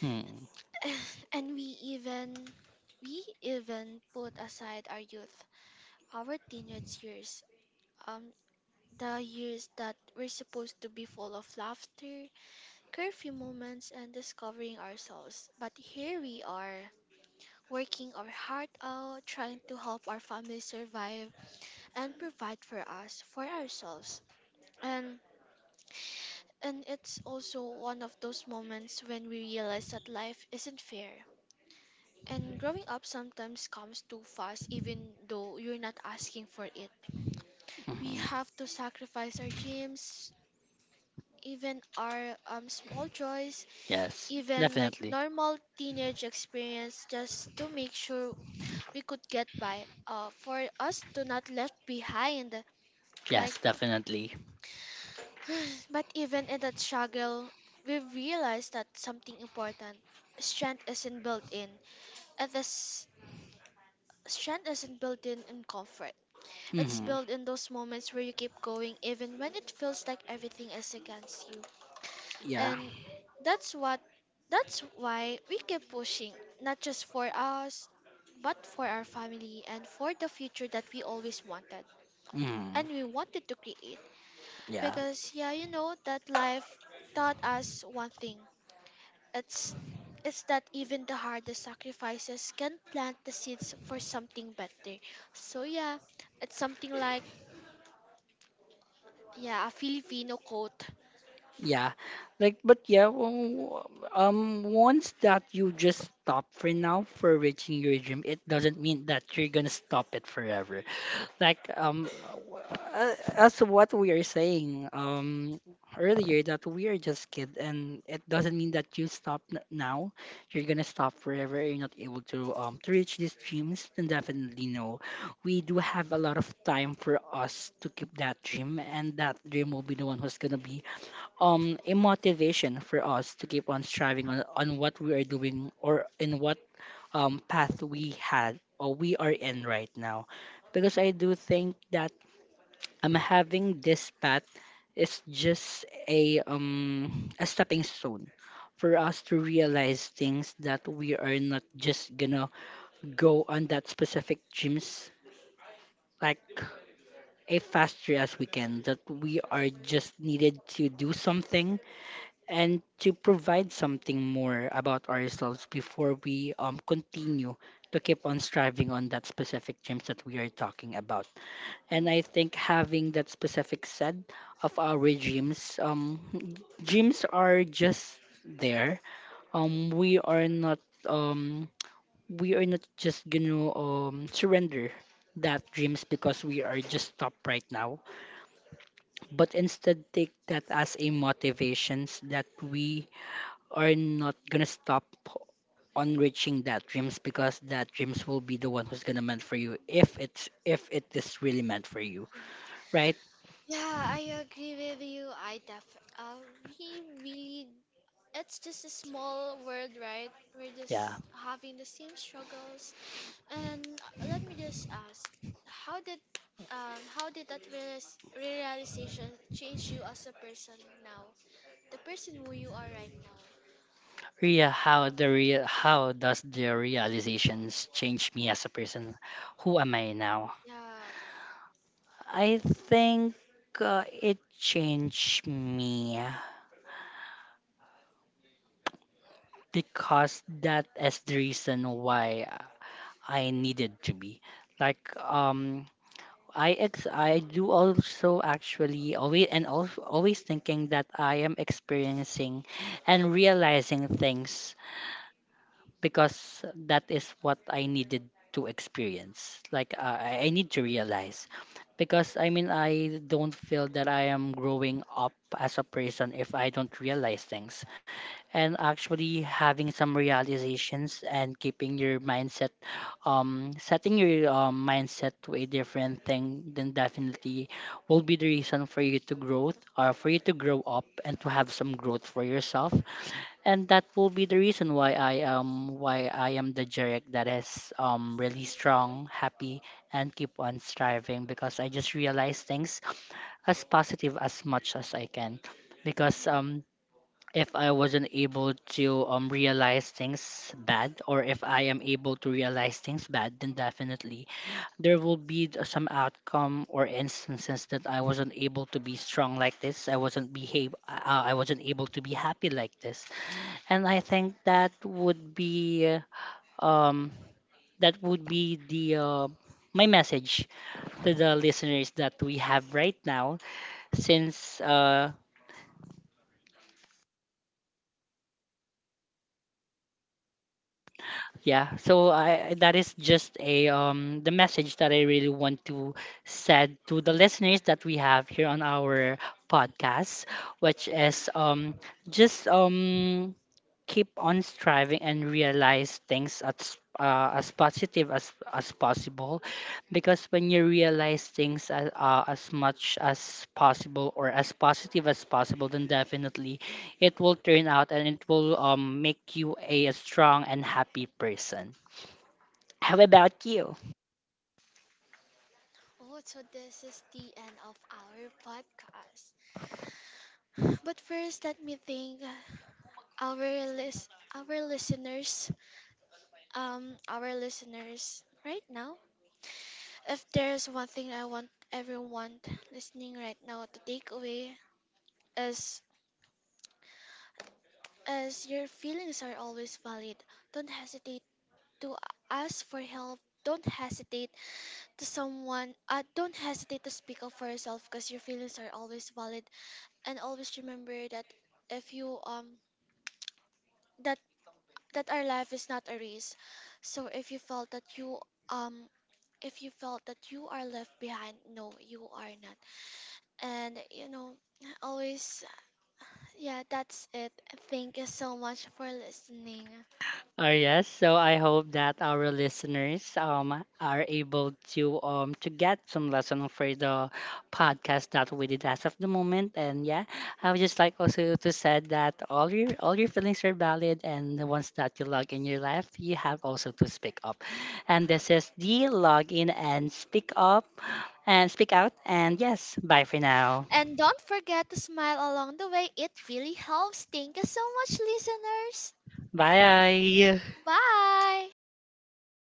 A: Hmm.
B: and we even put aside our youth, our teenage years, um, the years that we're supposed to be full of laughter, curfew moments, and discovering ourselves. But here we are, working our heart out, trying to help our family survive and provide for us, for ourselves. And And it's also one of those moments when we realize that life isn't fair. And growing up sometimes comes too fast, even though you're not asking for it. We
A: Hmm.
B: have to sacrifice our dreams, even our small joys,
A: Yes,
B: even like
A: definitely.
B: normal teenage experience, just to make sure we could get by. For us to not left behind, like
A: Yes, definitely.
B: But even in that struggle, we realized that something important. Strength isn't built in. It is Strength isn't built in comfort. It's
A: Hmm.
B: built in those moments where you keep going even when it feels like everything is against you.
A: Yeah.
B: And that's what That's why we keep pushing, not just for us, but for our family and for the future that we always wanted
A: Hmm.
B: and we wanted to create.
A: Yeah.
B: Because yeah, you know that life taught us one thing. It's it's that even the hardest sacrifices can plant the seeds for something better. So yeah, it's something like yeah, a Filipino quote.
A: Yeah. Like, but yeah, once that you just stop for now for reaching your dream, it doesn't mean that you're gonna stop it forever. Like as what we are saying earlier that we are just kids, and it doesn't mean that you now you're gonna stop forever, you're not able to reach these dreams, then definitely no, we do have a lot of time for us to keep that dream, and that dream will be the one who's gonna be a motivation for us to keep on striving on what we are doing or in what path we had or we are in right now. Because I do think that I'm having this path is just a stepping stone for us to realize things, that we are not just gonna go on that specific gyms, like a faster as we can, that we are just needed to do something and to provide something more about ourselves before we continue to keep on striving on that specific dreams that we are talking about. And I
B: Mhm.
A: think having that specific set of our dreams, dreams are just there. We are not um, we are not just gonna surrender that dreams because we are just stopped right now, but instead take that as a motivations that we are not gonna stop on reaching that dreams, because that dreams will be the one who's gonna meant for you, if it's if it is really meant for you, right?
B: Yeah, I agree with you. I def uh, we really, it's just a small world, right? We're
A: Yeah.
B: just having the same struggles. And let me just ask, how did how did that realis realization change you as a person now? The person who you are right now.
A: Ria, how does the realizations change me as a person? Who am I now?
B: Yeah.
A: I think it changed me because that is the reason why I needed to be. Like I do also actually always and always always thinking that I am experiencing and realizing things because that is what I needed to experience. Like I need to realize, because I mean I don't feel that I am growing up as a person if I don't realize things, and actually having some realizations and keeping your mindset, setting your mindset to a different thing, then definitely will be the reason for you to growth or for you to grow up and to have some growth for yourself. And that will be the reason why I am the Jeric that is really
B: Mm-hmm.
A: strong, happy, and keep on striving, because I just realize things as positive as much as I can, because
B: Mm-hmm.
A: if I wasn't able to realize things bad, or if I am able to realize things bad, then definitely there will be some outcome or instances that I wasn't able to be strong like this. I wasn't behave. I wasn't able to be happy like this, and I think uh, um that would be the my message to the listeners that we have right now, since yeah, so I that is just a the message that I really want to send to the listeners that we have here on our podcast, which is just keep on striving and realize things as positive as possible, because when you realize things as much as possible or as positive as possible, then definitely it will turn out and it will make you a strong and happy person. How about you?
B: Oh, so this is the end of our podcast. But first, let me thank our list, our listeners, our listeners right now. If there's one thing I want everyone listening right now to take away is, is your feelings are always valid. Don't hesitate to ask for help. Don't hesitate to someone. Don't hesitate to speak up for yourself because your feelings are always valid and always remember that if you that that our life is not a race, so if you felt that you um if you felt that you are left behind, no, you are not. And you know, always, yeah, that's it. Thank you so much for listening,
A: Oh yes, so I hope that our listeners are able to get some lesson for the podcast that we did as of the moment. And yeah, I would just like also to said that all your feelings are valid, and the ones that you log in your life, you have also to speak up. And this is the log in and speak up and speak out. And yes, bye for now.
B: and don't forget to smile along the way. It really helps. Thank you so much, listeners.
A: Bye.
B: Bye.